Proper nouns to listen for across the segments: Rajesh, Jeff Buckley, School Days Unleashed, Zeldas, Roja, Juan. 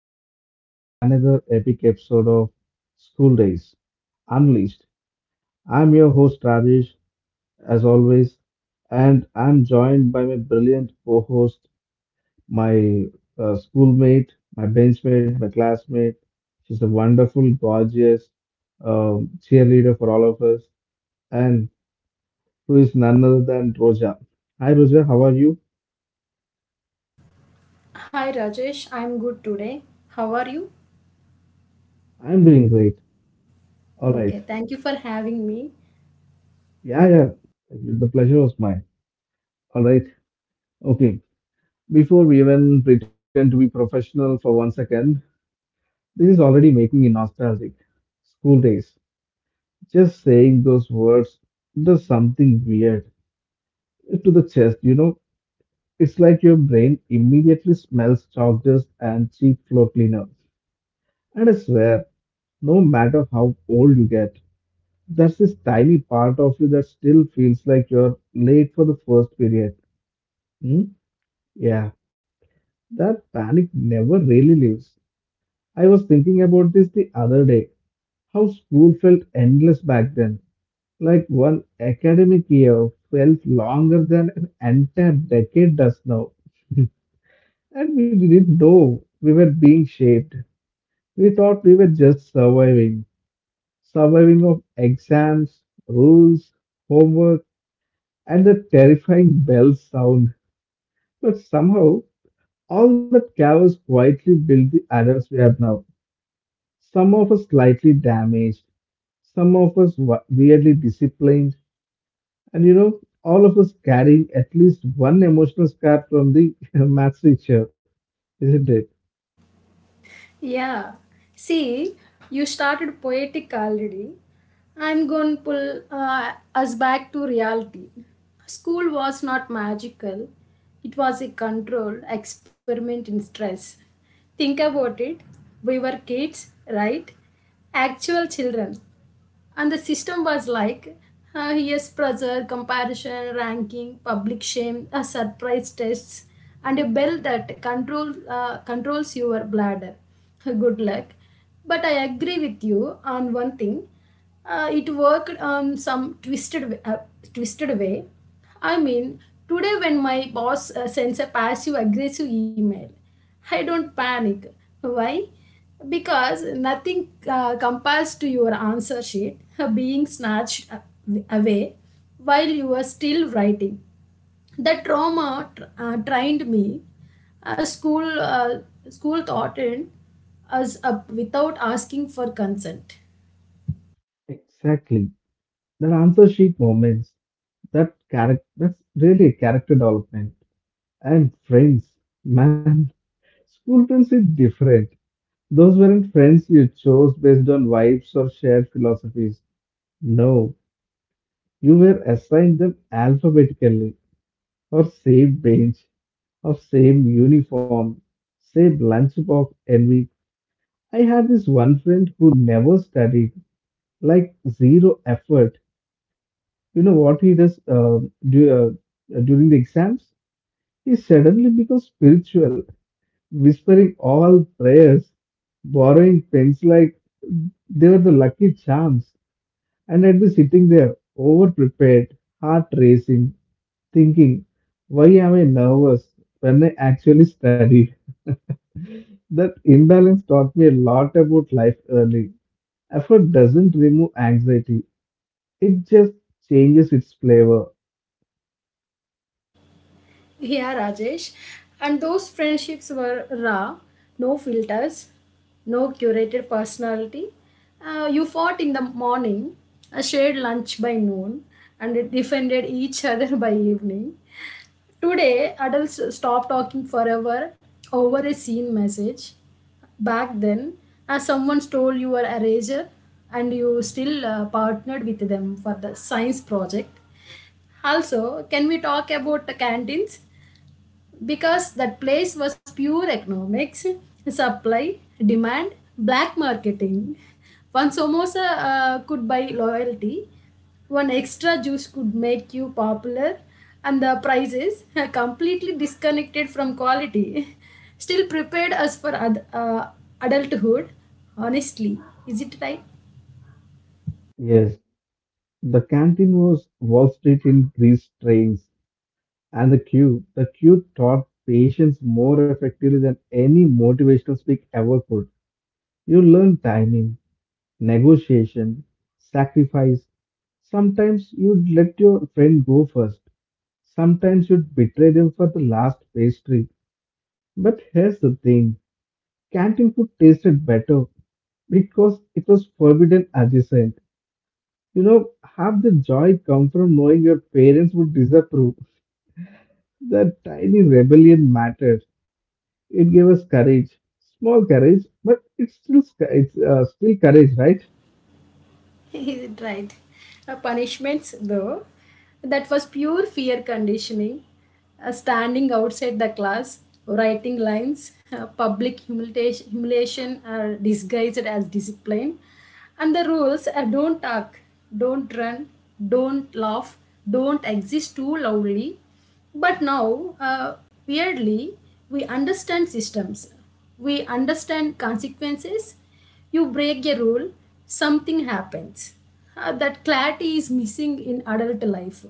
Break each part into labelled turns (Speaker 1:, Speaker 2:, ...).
Speaker 1: welcome back to another epic episode of School Days Unleashed. I'm your host, Rajesh, as always, and I'm joined by my brilliant co host, my schoolmate, my benchmate, my classmate. She's a wonderful, gorgeous cheerleader for all of us, and who is none other than Roja. Hi, Roja, how are you?
Speaker 2: Hi Rajesh, I'm good today. How are you?
Speaker 1: I'm doing great. All right.
Speaker 2: Okay, thank you for having me.
Speaker 1: Yeah, yeah. The pleasure was mine. All right. Okay, before we even pretend to be professional for one second, this is already making me nostalgic. School days. Just saying those words does something weird to the chest, you know? It's like your brain immediately smells chalk dust and cheap floor cleaner. And I swear, no matter how old you get, there's this tiny part of you that still feels like you're late for the first period. Hmm? Yeah, that panic never really leaves. I was thinking about this the other day, how school felt endless back then. Like one academic year felt longer than an entire decade does now. And we didn't know we were being shaped. We thought we were just surviving. Surviving of exams, rules, homework, and the terrifying bell sound. But somehow, all that chaos quietly built the adults we are now. Some of us slightly damaged, some of us weirdly disciplined, and you know, all of us carrying at least one emotional scar from the math teacher, isn't it?
Speaker 2: Yeah, see, you started poetic already. I'm going to pull us back to reality. School was not magical, it was a controlled experiment in stress. Think about it. We were kids, right? Actual children. And the system was like, here's pressure, comparison, ranking, public shame, surprise tests, and a bell that controls your bladder. Good luck. But I agree with you on one thing. It worked on some twisted way. I mean, today when my boss sends a passive aggressive email, I don't panic. Why? Because nothing compares to your answer sheet being away while you were still writing. The trained me. A school thought in us up without asking for consent.
Speaker 1: Exactly. That answer sheet moments, that character, that's really a character development. And friends, man, school friends is different. Those weren't friends you chose based on vibes or shared philosophies. No, you were assigned them alphabetically or saved bench. Of same uniform, same lunchbox envy. I had this one friend who never studied, like zero effort. You know what he does do, during the exams? He suddenly becomes spiritual, whispering all prayers, borrowing pens like they were the lucky charms. And I'd be sitting there, over prepared, heart racing, thinking, why am I nervous when I actually studied? That imbalance taught me a lot about life early. Effort doesn't remove anxiety, it just changes its flavor.
Speaker 2: Yeah, Rajesh. And those friendships were raw, no filters, no curated personality. You fought in the morning, shared lunch by noon, and defended each other by evening. Today, adults stop talking forever over a seen message. Back then, someone stole your eraser and you still partnered with them for the science project. Also, can we talk about the canteens? Because that place was pure economics, supply, demand, black marketing. One samosa could buy loyalty, one extra juice could make you popular, and the prices completely disconnected from quality. Still prepared us for adulthood. Honestly, is it right?
Speaker 1: Yes, the canteen was Wall Street in these trains, and the queue. The queue taught patience more effectively than any motivational speak ever could. You learn timing, negotiation, sacrifice. Sometimes you'd let your friend go first. Sometimes you'd betray them for the last pastry. But here's the thing. Canteen food tasted better because it was forbidden adjacent. You know, half the joy come from knowing your parents would disapprove. That tiny rebellion mattered. It gave us courage, small courage, but it's still courage, right?
Speaker 2: Is it right. Punishments, though, that was pure fear conditioning. Standing outside the class, writing lines, public humiliation are disguised as discipline. And the rules, don't talk, don't run, don't laugh, don't exist too loudly. But now, weirdly, we understand systems, we understand consequences. You break a rule, something happens. That clarity is missing in adult life.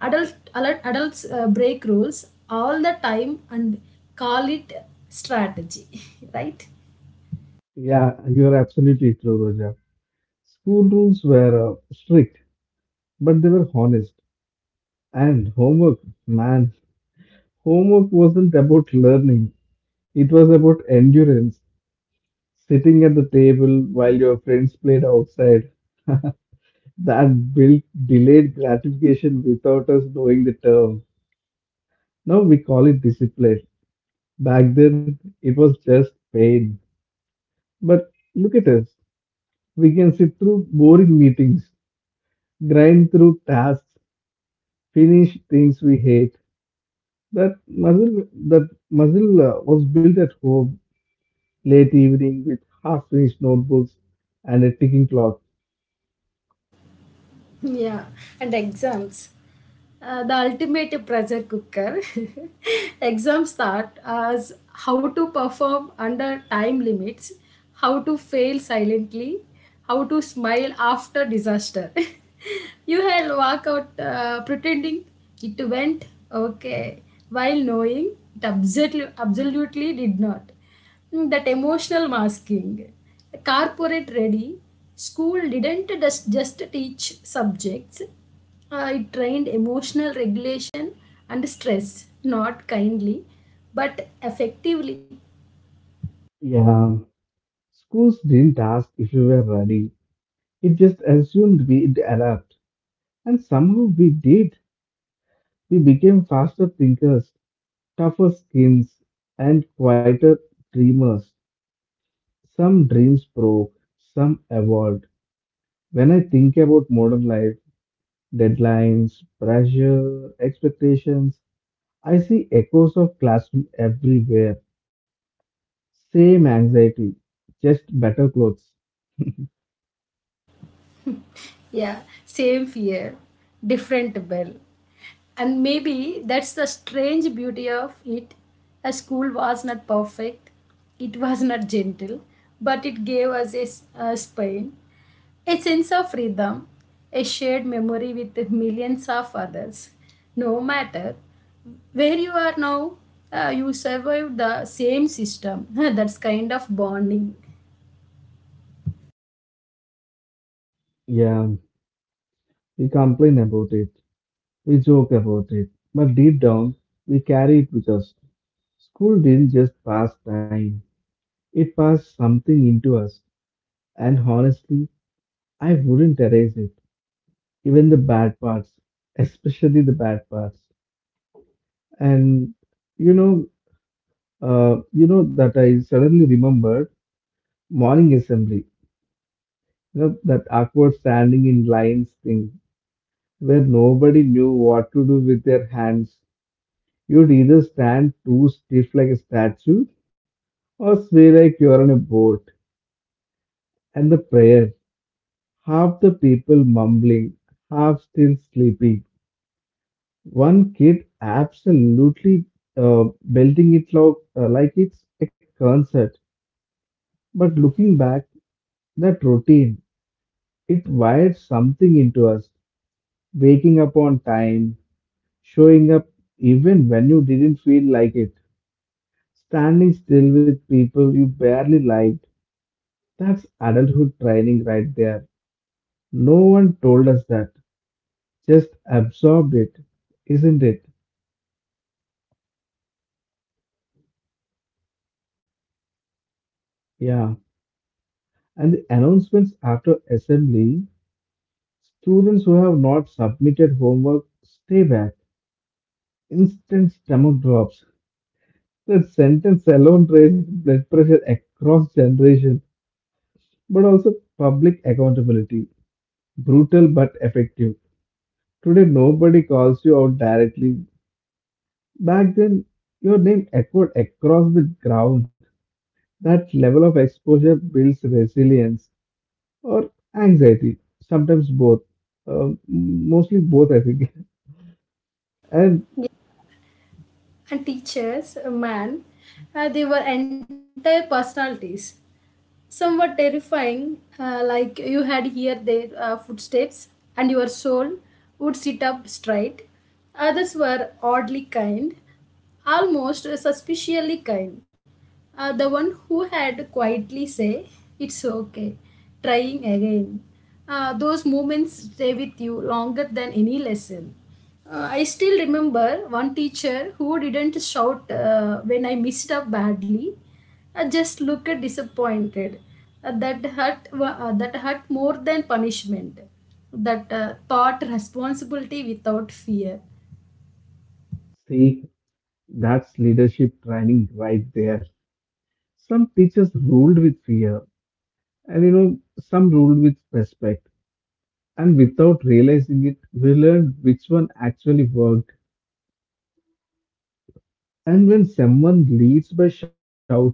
Speaker 2: Adult, adult adults break rules all the time and call it strategy, right?
Speaker 1: Yeah, you are absolutely true, Roja. School rules were strict, but they were honest. And homework, man, homework wasn't about learning; it was about endurance. Sitting at the table while your friends played outside, that built delayed gratification without us knowing the term. Now we call it discipline. Back then, it was just pain. But look at us. We can sit through boring meetings, grind through tasks, finish things we hate. That muscle was built at home, late evening with half-finished notebooks and a ticking clock.
Speaker 2: Yeah, and exams. The ultimate pressure cooker. Exams start as how to perform under time limits, how to fail silently, how to smile after disaster. You will walk out pretending it went okay, while knowing it absolutely, absolutely did not. That emotional masking, corporate ready. School didn't just teach subjects, it trained emotional regulation and stress, not kindly but effectively.
Speaker 1: Yeah, schools didn't ask if we were ready, it just assumed we'd adapt. And somehow we did. We became faster thinkers, tougher skins, and quieter dreamers. Some dreams broke, some evolved. When I think about modern life, deadlines, pressure, expectations, I see echoes of classroom everywhere. Same anxiety, just better clothes.
Speaker 2: Yeah, same fear, different bell. And maybe that's the strange beauty of it. A school was not perfect, it was not gentle, but it gave us a spine, a sense of rhythm, a shared memory with millions of others. No matter where you are now, you survived the.
Speaker 1: Yeah, we complain about it. We joke about it, but deep down, we carry it with us. School didn't just pass time, it passed something into us, and honestly, I wouldn't erase it, even the bad parts, especially the bad parts. And you know, that I suddenly remembered morning assembly, you know, that awkward standing in lines thing where nobody knew what to do with their hands. You'd either stand too stiff like a statue or sway like you're on a boat, and the prayer, half the people mumbling, half still sleeping. One kid absolutely belting it like it's a concert. But looking back, that routine, it wired something into us, waking up on time, showing up even when you didn't feel like it, standing still with people you barely liked. That's adulthood training right there. No one told us that. Just absorbed it, isn't it? Yeah. And the announcements after assembly: students who have not submitted homework stay back. Instant stomach drops. That sentence alone raised blood pressure across generations, but also public accountability. Brutal but effective. Today, nobody calls you out directly. Back then, your name echoed across the ground. That level of exposure builds resilience. Or anxiety, sometimes both. Um Mostly both, I think. And
Speaker 2: Yeah, and teachers, a man, they were entire personalities. Some were terrifying, like you had here their footsteps, and your soul would sit up straight. Others were oddly kind, almost suspiciously kind. The one who had quietly say, "It's okay, trying again." Those moments stay with you longer than any lesson. I still remember one teacher who didn't shout when I missed up badly. I just looked disappointed. That hurt more than punishment. That taught responsibility without fear.
Speaker 1: see, that's leadership training right there. Some teachers ruled with fear, and you know, some ruled with respect. And without realizing it, we learned which one actually worked. And when someone leads by shouting,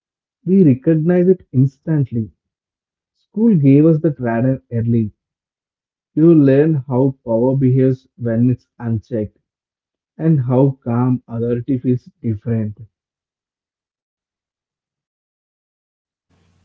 Speaker 1: we recognize it instantly. School gave us the radar early. You learn how power behaves when it's unchecked and how calm authority feels different.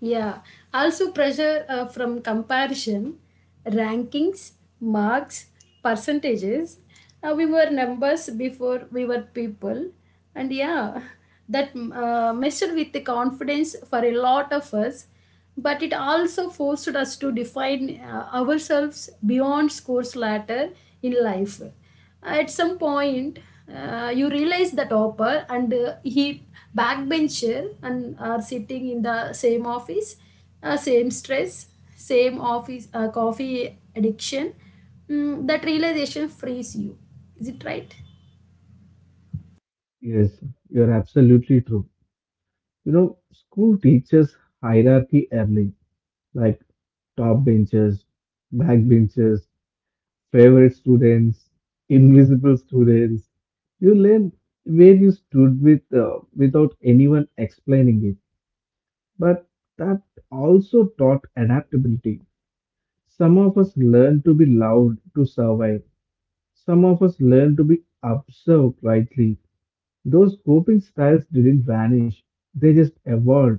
Speaker 2: Yeah, also pressure from comparison, rankings, marks, percentages. We were numbers before we were people, and yeah, that messed with the confidence for a lot of us. But it also forced us to define ourselves beyond scores later in life. At some point you realize the topper and he backbencher and are sitting in the same office, same stress, same office coffee addiction. That realization frees you, is it right?
Speaker 1: Yes, you're absolutely true. You know, school teaches hierarchy early, like top benches, back benches, favorite students, invisible students. You learn where you stood with without anyone explaining it. But that also taught adaptability. Some of us learn to be loud to survive. Some of us learn to be observed quietly. Those coping styles didn't vanish, they just evolved.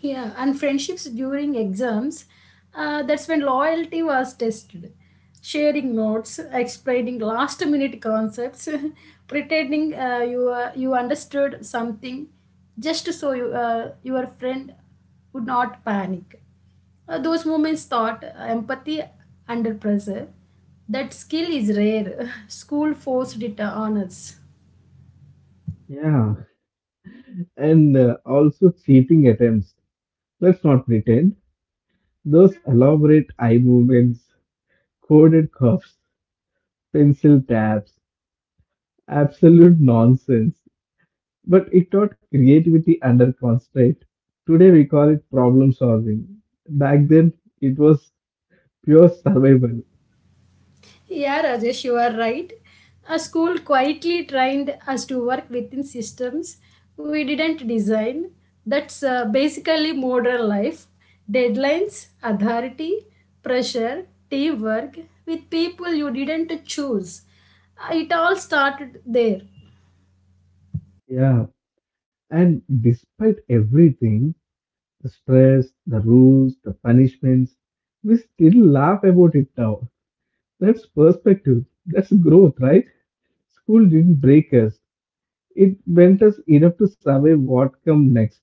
Speaker 2: Yeah, and friendships during exams, that's when loyalty was tested. Sharing notes, explaining last minute concepts, pretending you understood something just so your friend would not panic. Those moments taught empathy under pressure. That skill is rare. School forced it on us.
Speaker 1: Yeah, and also cheating attempts. Let's not pretend. Those elaborate eye movements, coded cuffs, pencil taps, absolute nonsense. But it taught creativity under constraint. Today we call it problem solving. Back then it was pure survival.
Speaker 2: Yeah, Rajesh, you are right. A school quietly trained us to work within systems we didn't design. That's basically modern life. Deadlines, authority, pressure, teamwork with people you didn't choose. It all started there.
Speaker 1: Yeah, and despite everything, the stress, the rules, the punishments. We still laugh about it now. That's perspective. That's growth, right? School didn't break us. It bent us enough to survive what come next.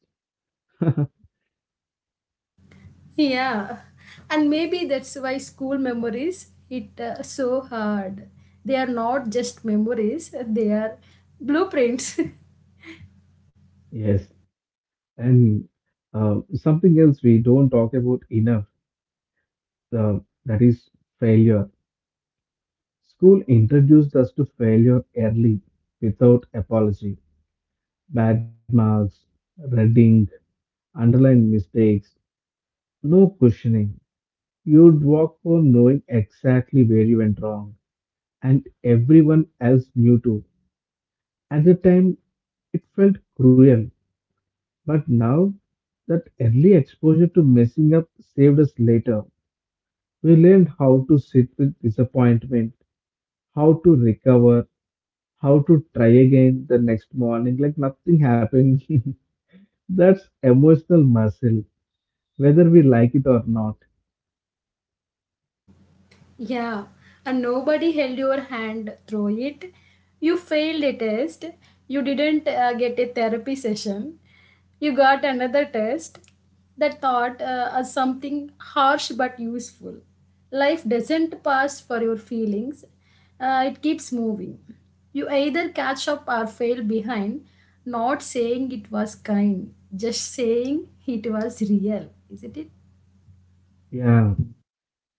Speaker 2: Yeah, and maybe that's why school memories hit so hard. They are not just memories, they are blueprints.
Speaker 1: Yes. And something else we don't talk about enough, uh, that is failure. School introduced us to failure early without apology. Bad marks, red ink, underlined mistakes, no questioning. You'd walk home knowing exactly where you went wrong, and everyone else knew too. At the time, it felt cruel, but now that early exposure to messing up saved us later. We learned how to sit with disappointment, how to recover, how to try again the next morning like nothing happened. That's emotional muscle, whether we like it or not.
Speaker 2: Yeah, and nobody held your hand through it. You failed a test. You didn't get a therapy session. You got another test that thought as something harsh but useful. Life doesn't pause for your feelings, it keeps moving. You either catch up or fail behind, not saying it was kind, just saying it was real, isn't it?
Speaker 1: Yeah.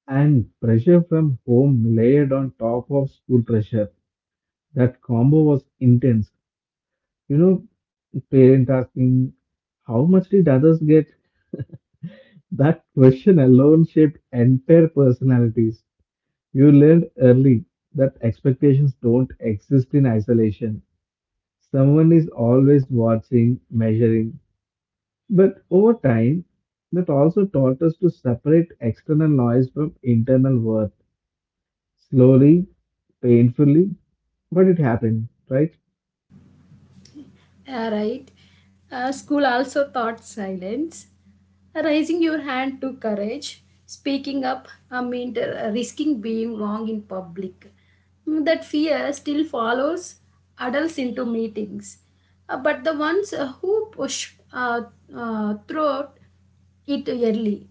Speaker 1: And pressure from home layered on top of school pressure. That combo was intense. You know, parent asking, how much did others get? That question alone shaped entire personalities. You learned early that expectations don't exist in isolation. Someone is always watching, measuring. But over time, that also taught us to separate external noise from internal worth. Slowly, painfully, but it happened, right?
Speaker 2: Yeah right. School also taught silence. Raising your hand to courage, speaking up, I mean, risking being wrong in public. That fear still follows adults into meetings. But the ones who push through it early.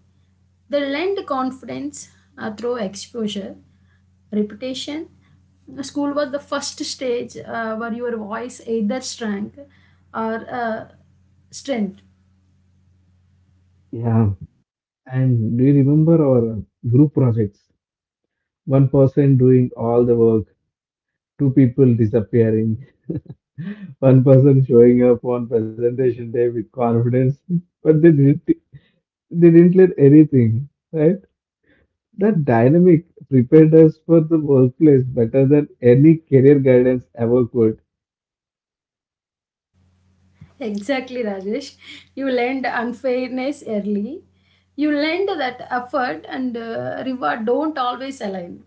Speaker 2: They lend confidence through exposure, reputation. School was the first stage where your voice either shrank or strength.
Speaker 1: Yeah. And do you remember our group projects? One person doing all the work, two people disappearing, one person showing up on presentation day with confidence, but they didn't let anything, right? That dynamic prepared us for the workplace better than any career guidance ever could.
Speaker 2: Exactly, Rajesh. You learned unfairness early. You learned that effort and reward don't always align.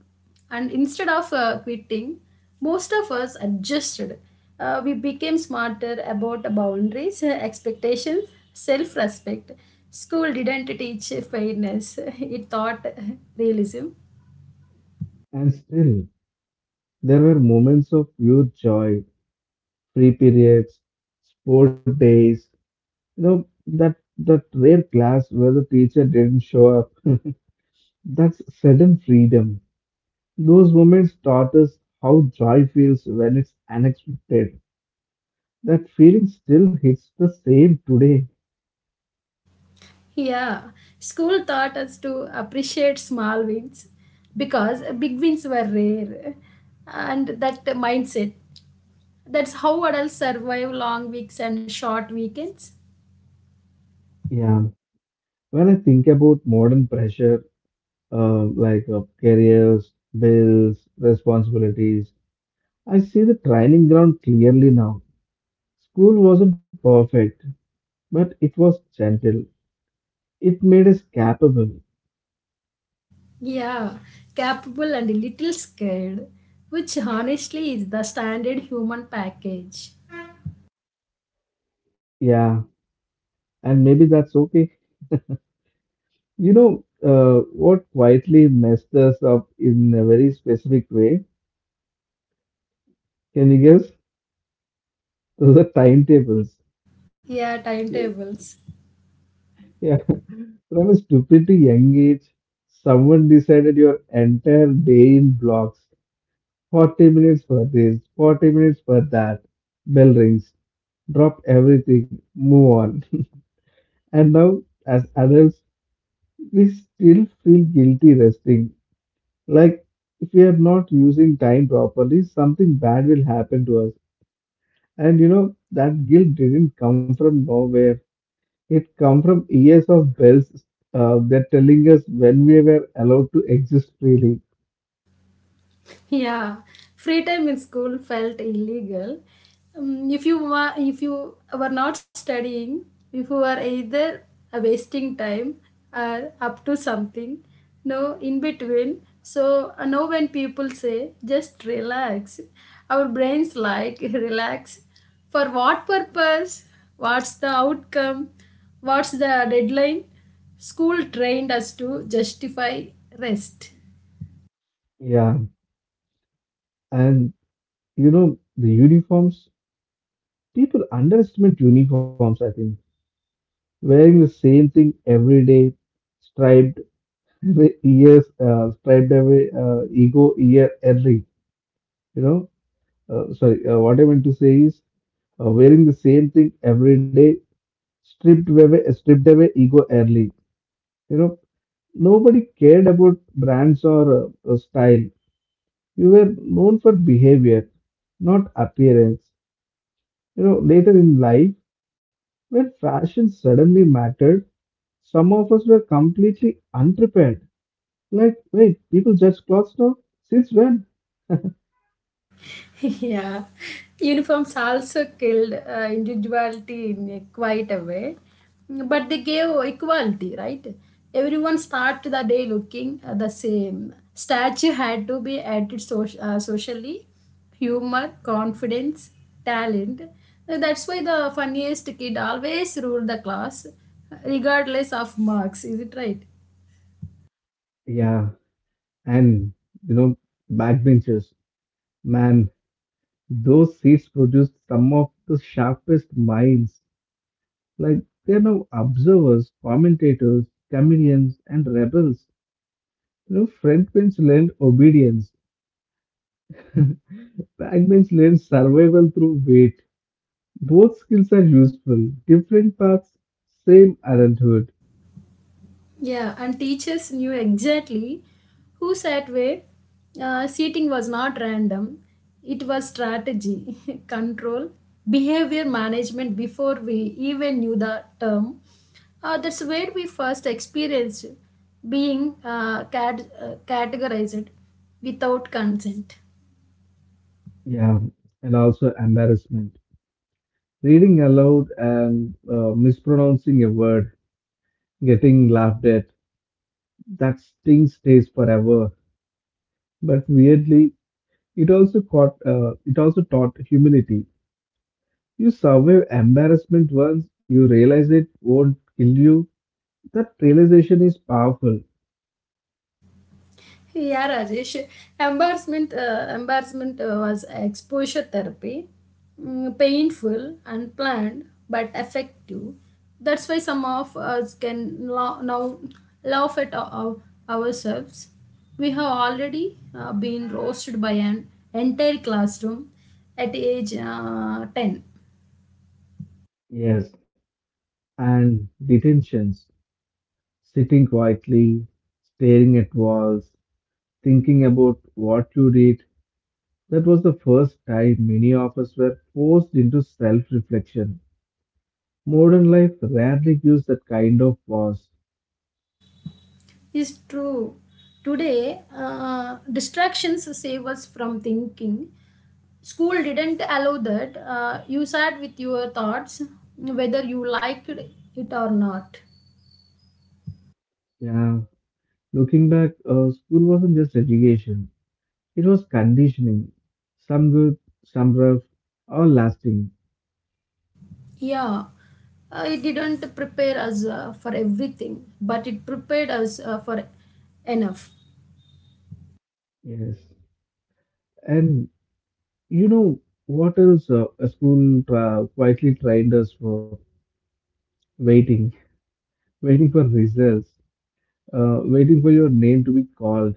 Speaker 2: And instead of quitting, most of us adjusted. We became smarter about boundaries, expectations, self respect. School didn't teach fairness, it taught realism.
Speaker 1: And still, there were moments of pure joy: free periods, sport days, you know, that rare class where the teacher didn't show up. That's sudden freedom. Those moments taught us how joy feels when it's unexpected. That feeling still hits the same today.
Speaker 2: Yeah, school taught us to appreciate small wins because big wins were rare, and that mindset. That's how adults survive long weeks and short weekends.
Speaker 1: Yeah. When I think about modern pressure, like careers, bills, responsibilities, I see the training ground clearly now. School wasn't perfect, but it was gentle. It made us capable.
Speaker 2: Yeah, capable and a little scared, which honestly is the standard human package.
Speaker 1: Yeah, and maybe that's okay. You know, what quietly messed us up in a very specific way? Can you guess? Those are timetables.
Speaker 2: Yeah, timetables.
Speaker 1: Yeah, from a stupid to young age, someone decided your entire day in blocks. 40 minutes for this, 40 minutes for that. Bell rings. Drop everything. Move on. And now, as adults, we still feel guilty resting. Like, if we are not using time properly, something bad will happen to us. And you know, that guilt didn't come from nowhere. It come from years of bells that telling us when we were allowed to exist freely.
Speaker 2: Yeah, free time in school felt illegal. If you were if you were not studying, if you were either wasting time or up to something, no in between. So I know when people say just relax, our brains like, relax. For what purpose? What's the outcome? What's the deadline? School trained us to justify rest.
Speaker 1: Yeah. And you know, the uniforms, people underestimate uniforms, I think. Wearing the same thing every day, striped every years, striped every ego year early. You know, sorry, what I meant to say is wearing the same thing every day, stripped away ego early. You know, nobody cared about brands or style. You were known for behavior, not appearance. You know, later in life, when fashion suddenly mattered, some of us were completely unprepared. Like, wait, people judge clothes now? Since when?
Speaker 2: Yeah, uniforms also killed individuality in a quite a way, but they gave equality, right? Everyone started the day looking the same. Statue had to be added socially, humor, confidence, talent. That's why the funniest kid always ruled the class, regardless of marks. Is it right?
Speaker 1: Yeah, and you know, backbenchers, man, those seats produced some of the sharpest minds. Like they are now observers, commentators, chameleons, and rebels. You know, front bench learned obedience, back bench learned survival through weight. Both skills are useful. Different paths, same adulthood.
Speaker 2: Yeah, and teachers knew exactly who sat where. Seating was not random, it was strategy, control, behavior management before we even knew the term. That's where we first experienced being categorized without consent.
Speaker 1: Yeah, and also embarrassment. Reading aloud and mispronouncing a word, getting laughed at, that sting stays forever. But weirdly, it also it also taught humility. You survive embarrassment once, you realize it won't kill you. That realization is powerful.
Speaker 2: Hey, yeah, Rajesh. Embarrassment was exposure therapy, painful, unplanned, but effective. That's why some of us can now laugh at ourselves. We have already been roasted by an entire classroom at age 10.
Speaker 1: Yes, and detentions, sitting quietly, staring at walls, thinking about what you did. That was the first time many of us were forced into self reflection. Modern life rarely gives that kind of pause.
Speaker 2: Is true. Today, distractions save us from thinking. School didn't allow that. You sat with your thoughts, whether you liked it or not.
Speaker 1: Yeah, looking back, school wasn't just education. It was conditioning, some good, some rough, all lasting.
Speaker 2: Yeah, it didn't prepare us for everything, but it prepared us for enough.
Speaker 1: Yes. And you know what else a quietly trained us for? Waiting. Waiting for results. Waiting for your name to be called.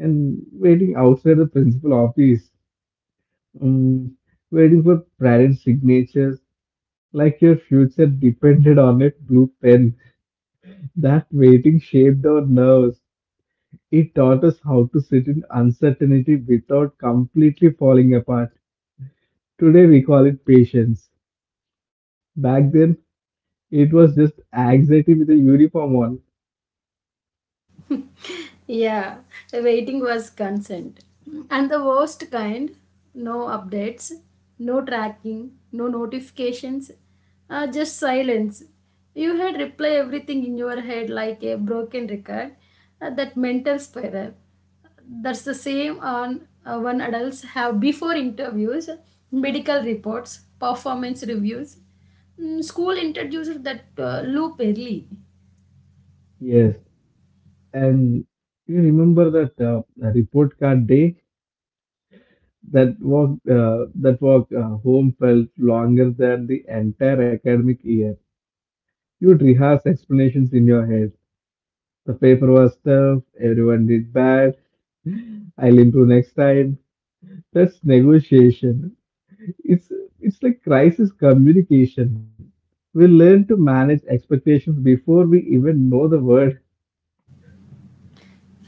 Speaker 1: And waiting outside the principal office. Um, waiting for parents' signatures, like your future depended on it, blue pen. That waiting shaped our nerves. It taught us how to sit in uncertainty without completely falling apart. Today we call it patience. Back then, it was just anxiety with a uniform on.
Speaker 2: Yeah, waiting was consent. And the worst kind, no updates, no tracking, no notifications, just silence. You had replay everything in your head like a broken record, that mental spiral. That's the same on one adults have before interviews, medical reports, performance reviews. School introduced that loop early.
Speaker 1: Yes, and you remember that report card day? That walk home felt longer than the entire academic year. You'd rehearse explanations in your head. The paper was tough, everyone did bad, I'll improve next time. That's negotiation. It's it's like crisis communication. We learn to manage expectations before we even know the word.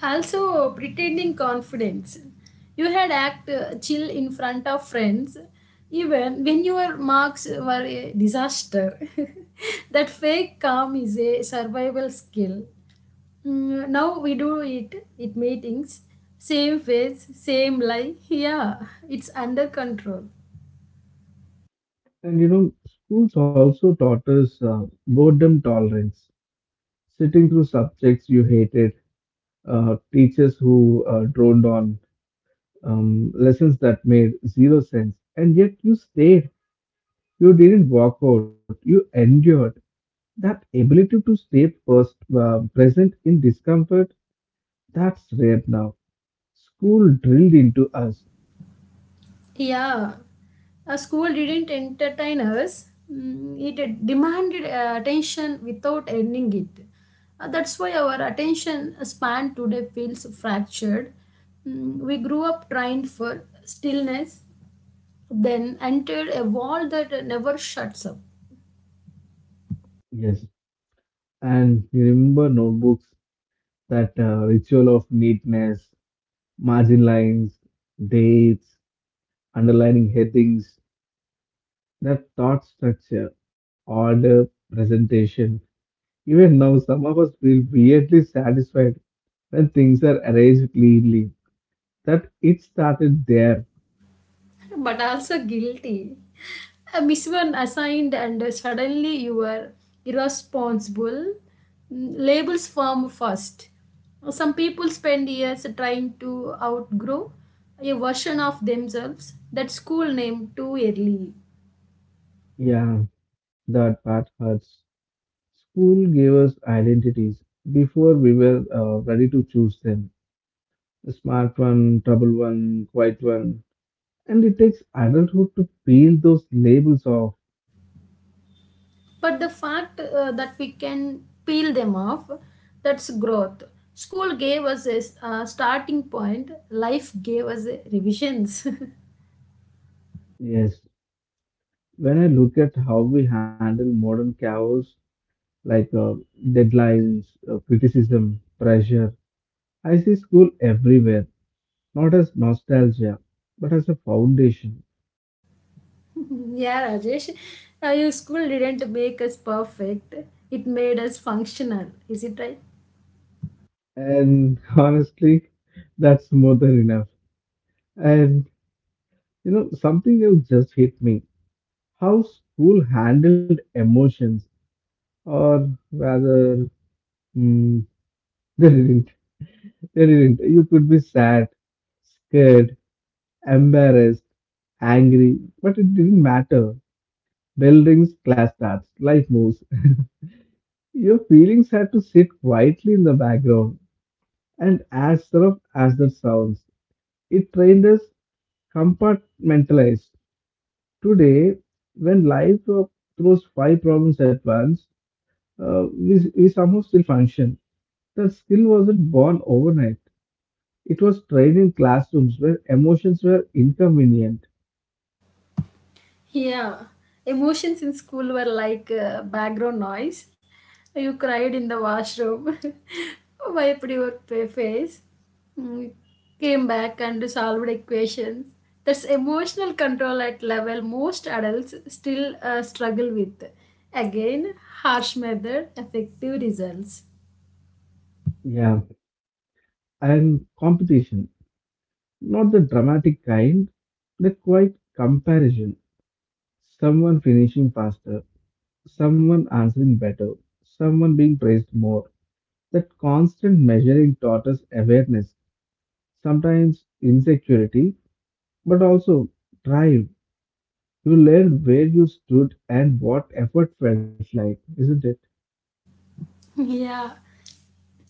Speaker 2: Also, pretending confidence. You had act chill in front of friends, even when your marks were a disaster. That fake calm is a survival skill. Now we do it at meetings, same face, same lie, yeah, it's under control.
Speaker 1: And you know, schools also taught us boredom tolerance, sitting through subjects you hated, teachers who droned on, lessons that made zero sense. And yet you stayed, you didn't walk out, you endured. That ability to present in discomfort, that's rare now. School drilled into us,
Speaker 2: Yeah, a school didn't entertain us. It demanded attention without ending it. That's why our attention span today feels fractured. We grew up trained for stillness, then entered a wall that never shuts up.
Speaker 1: yes. And you remember notebooks, that ritual of neatness, margin lines, dates, underlining headings, that thought, structure, order, presentation. Even now, some of us feel weirdly satisfied when things are arranged cleanly. That it started there.
Speaker 2: But also guilty. A misone assigned, and suddenly you are irresponsible. Labels form first. Some people spend years trying to outgrow a version of themselves that school name too early.
Speaker 1: Yeah, that part hurts. School gave us identities before we were ready to choose them: smart one, trouble one, quiet one. And it takes adulthood to peel those labels off.
Speaker 2: But the fact that we can peel them off, that's growth. School gave us a starting point, life gave us revisions.
Speaker 1: Yes, when I look at how we handle modern chaos like deadlines, criticism, pressure, I see school everywhere, not as nostalgia, but as a foundation.
Speaker 2: Yeah, Rajesh, your school didn't make us perfect. It made us functional. Is it right?
Speaker 1: And honestly, that's more than enough. And you know, something else just hit me. How school handled emotions, or rather, mm, they didn't. They didn't. You could be sad, scared, embarrassed, angry, but it didn't matter. Bell rings, class starts, life moves. Your feelings had to sit quietly in the background. And as rough as that sounds, it trained us compartmentalize. Today, when life throws five problems at once, we somehow still function. That skill wasn't born overnight. It was trained in classrooms where emotions were inconvenient.
Speaker 2: Yeah. Emotions in school were like background noise. You cried in the washroom, wiped your face, mm, came back and solved equations. That's emotional control at level most adults still struggle with. Again, harsh method, effective results.
Speaker 1: Yeah. And competition. Not the dramatic kind, the quiet comparison. Someone finishing faster, someone answering better, someone being praised more. That constant measuring taught us awareness, sometimes insecurity, but also drive. You learned where you stood and what effort felt like, isn't it?
Speaker 2: Yeah.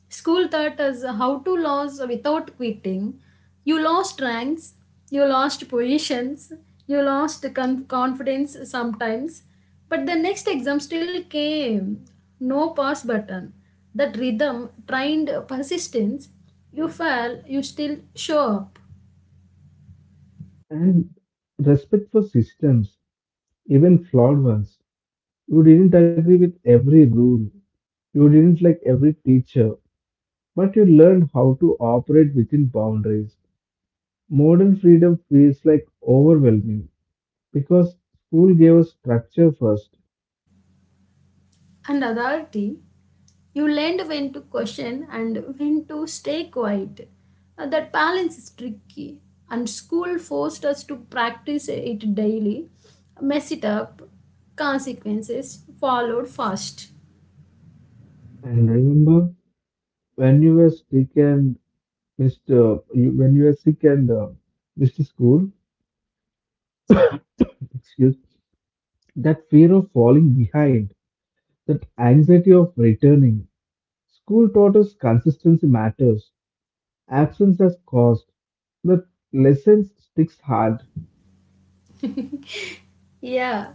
Speaker 2: School taught us how to lose without quitting. You lost ranks, you lost positions, you lost confidence sometimes, but the next exam still came. No pause button. That rhythm trained persistence. You fell, you still show up.
Speaker 1: And respect for systems, even flawed ones. You didn't agree with every rule, you didn't like every teacher, but you learned how to operate within boundaries. Modern freedom feels like overwhelming because school gave us structure first.
Speaker 2: And authority, you learned when to question and when to stay quiet. That balance is tricky, and school forced us to practice it daily. Mess it up, consequences followed fast.
Speaker 1: And remember when you were sick and Mr. You, when you were sick and uh, Mr. School, excuse that fear of falling behind, that anxiety of returning. School taught us consistency matters. Absence has caused the lessons sticks hard.
Speaker 2: Yeah,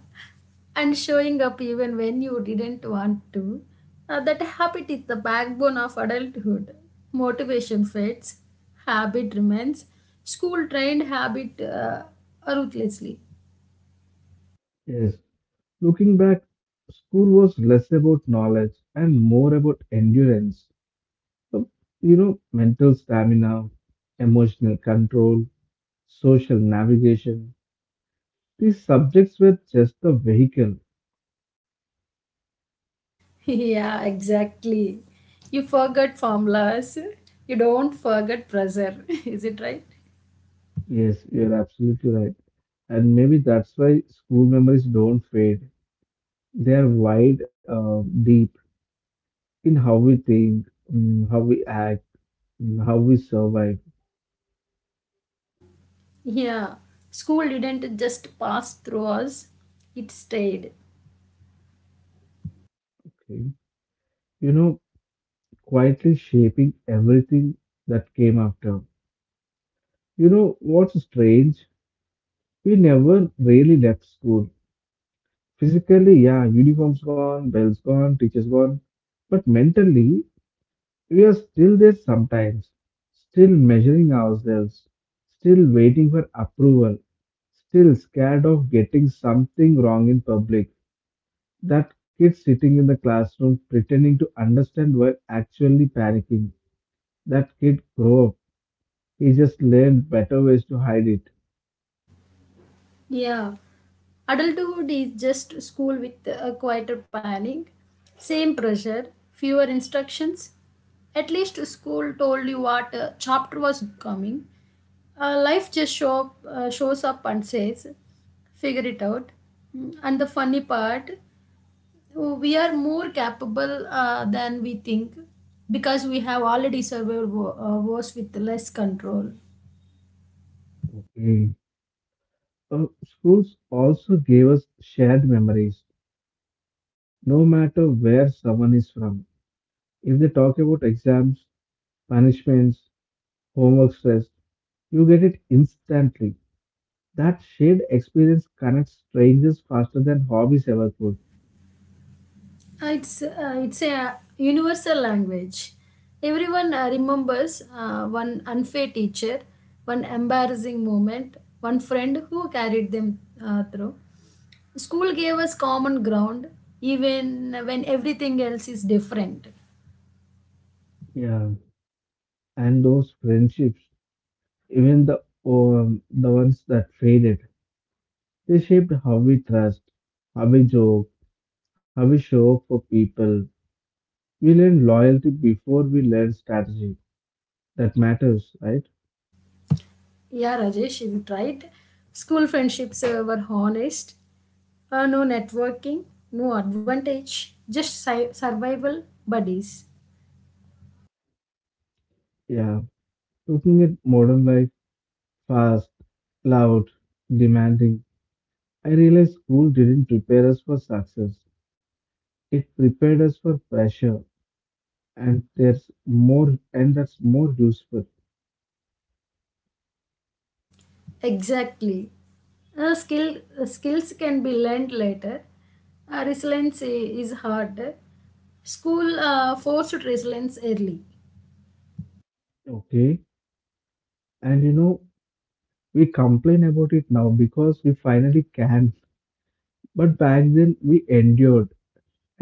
Speaker 2: and showing up even when you didn't want to. That habit is the backbone of adulthood. Motivation fades, habit remains. School trained habit ruthlessly.
Speaker 1: Yes. Looking back, school was less about knowledge and more about endurance. So, you know, mental stamina, emotional control, social navigation. These subjects were just the vehicle.
Speaker 2: Yeah, exactly. You forgot formulas. You don't forget pressure. Is it right?
Speaker 1: Yes, you're absolutely right. And maybe that's why school memories don't fade. They are wide, deep in how we think, mm, how we act, mm, how we survive.
Speaker 2: Yeah. School didn't just pass through us, it stayed.
Speaker 1: Okay. You know, quietly shaping everything that came after. You know what's strange? We never really left school. Physically, yeah, uniforms gone, bells gone, teachers gone. But mentally, we are still there sometimes, still measuring ourselves, still waiting for approval, still scared of getting something wrong in public. That kid sitting in the classroom pretending to understand while actually panicking. That kid grow up. He just learned better ways to hide it.
Speaker 2: Yeah. Adulthood is just school with a quieter planning, same pressure, fewer instructions. At least school told you what chapter was coming. Life just show up, shows up and says, figure it out. And the funny part, we are more capable than we think because we have already survived wars with less control.
Speaker 1: Okay. Schools also gave us shared memories, no matter where someone is from. If they talk about exams, punishments, homework stress, you get it instantly. That shared experience connects strangers faster than hobbies ever could.
Speaker 2: It's a universal language. Everyone remembers one unfair teacher, one embarrassing moment, one friend who carried them through. School gave us common ground, even when everything else is different.
Speaker 1: Yeah. And those friendships, even the ones that faded, they shaped how we trust, how we joke, how we show up for people. We learn loyalty before we learn strategy. That matters, right?
Speaker 2: Yeah, Rajesh is right. School friendships were honest. No networking, no advantage, just survival buddies.
Speaker 1: Yeah. Looking at modern life, fast, loud, demanding, I realized school didn't prepare us for success. It prepared us for pressure, and there's more, and that's more useful.
Speaker 2: Exactly. Uh, skills can be learned later. Resilience is hard. School forced resilience early.
Speaker 1: Okay. And you know, we complain about it now because we finally can. But back then, we endured,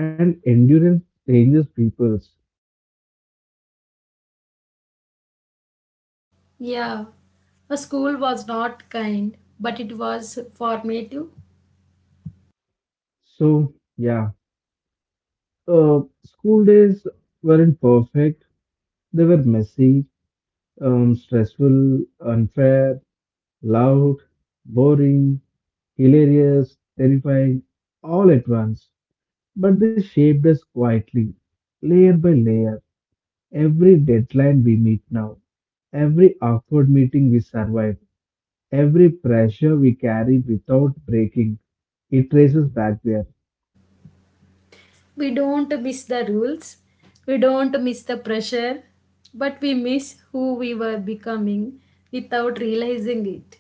Speaker 1: and endurance changes peoples.
Speaker 2: Yeah, a school was not kind, but it was formative.
Speaker 1: So, yeah. School days weren't perfect. They were messy, stressful, unfair, loud, boring, hilarious, terrifying, all at once. But they shaped us quietly, layer by layer. Every deadline we meet now, every awkward meeting we survive, every pressure we carry without breaking, it traces back there.
Speaker 2: We don't miss the rules. We don't miss the pressure, but we miss who we were becoming without realizing it.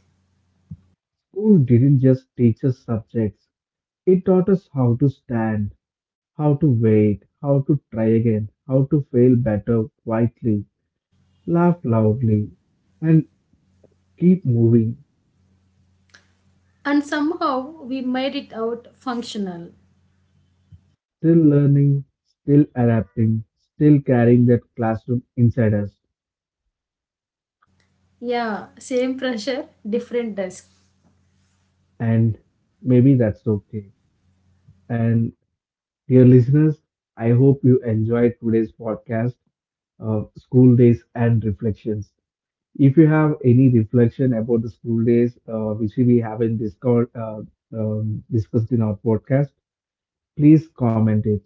Speaker 1: School didn't just teach us subjects. It taught us how to stand, how to wait, how to try again, how to fail better, quietly, laugh loudly, and keep moving,
Speaker 2: And somehow we made it out functional.
Speaker 1: still learning, still adapting, still carrying that classroom inside us.
Speaker 2: Yeah, same pressure, different desk.
Speaker 1: And maybe that's okay. And dear listeners, I hope you enjoyed today's podcast, School Days and Reflections. If you have any reflection about the school days, which we haven't discovered, discussed in our podcast, please comment it.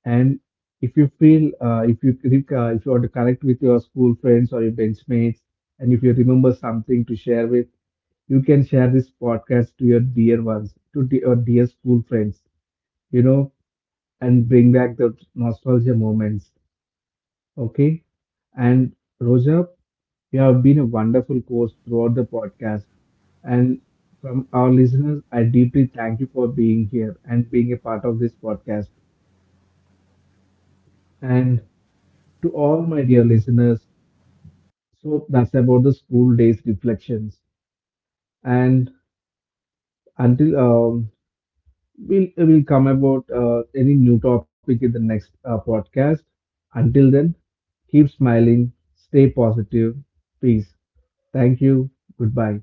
Speaker 1: And if you feel, if you want to connect with your school friends or your benchmates, and if you remember something to share with, you can share this podcast to your dear ones, to your dear school friends, you know, and bring back the nostalgia moments. Okay. And Roja, you have been a wonderful host throughout the podcast. And from our listeners, I deeply thank you for being here and being a part of this podcast. And to all my dear listeners, so that's about the school days reflections. And until we'll come about any new topic in the next podcast. Until then, keep smiling, stay positive. Peace. Thank you. Goodbye.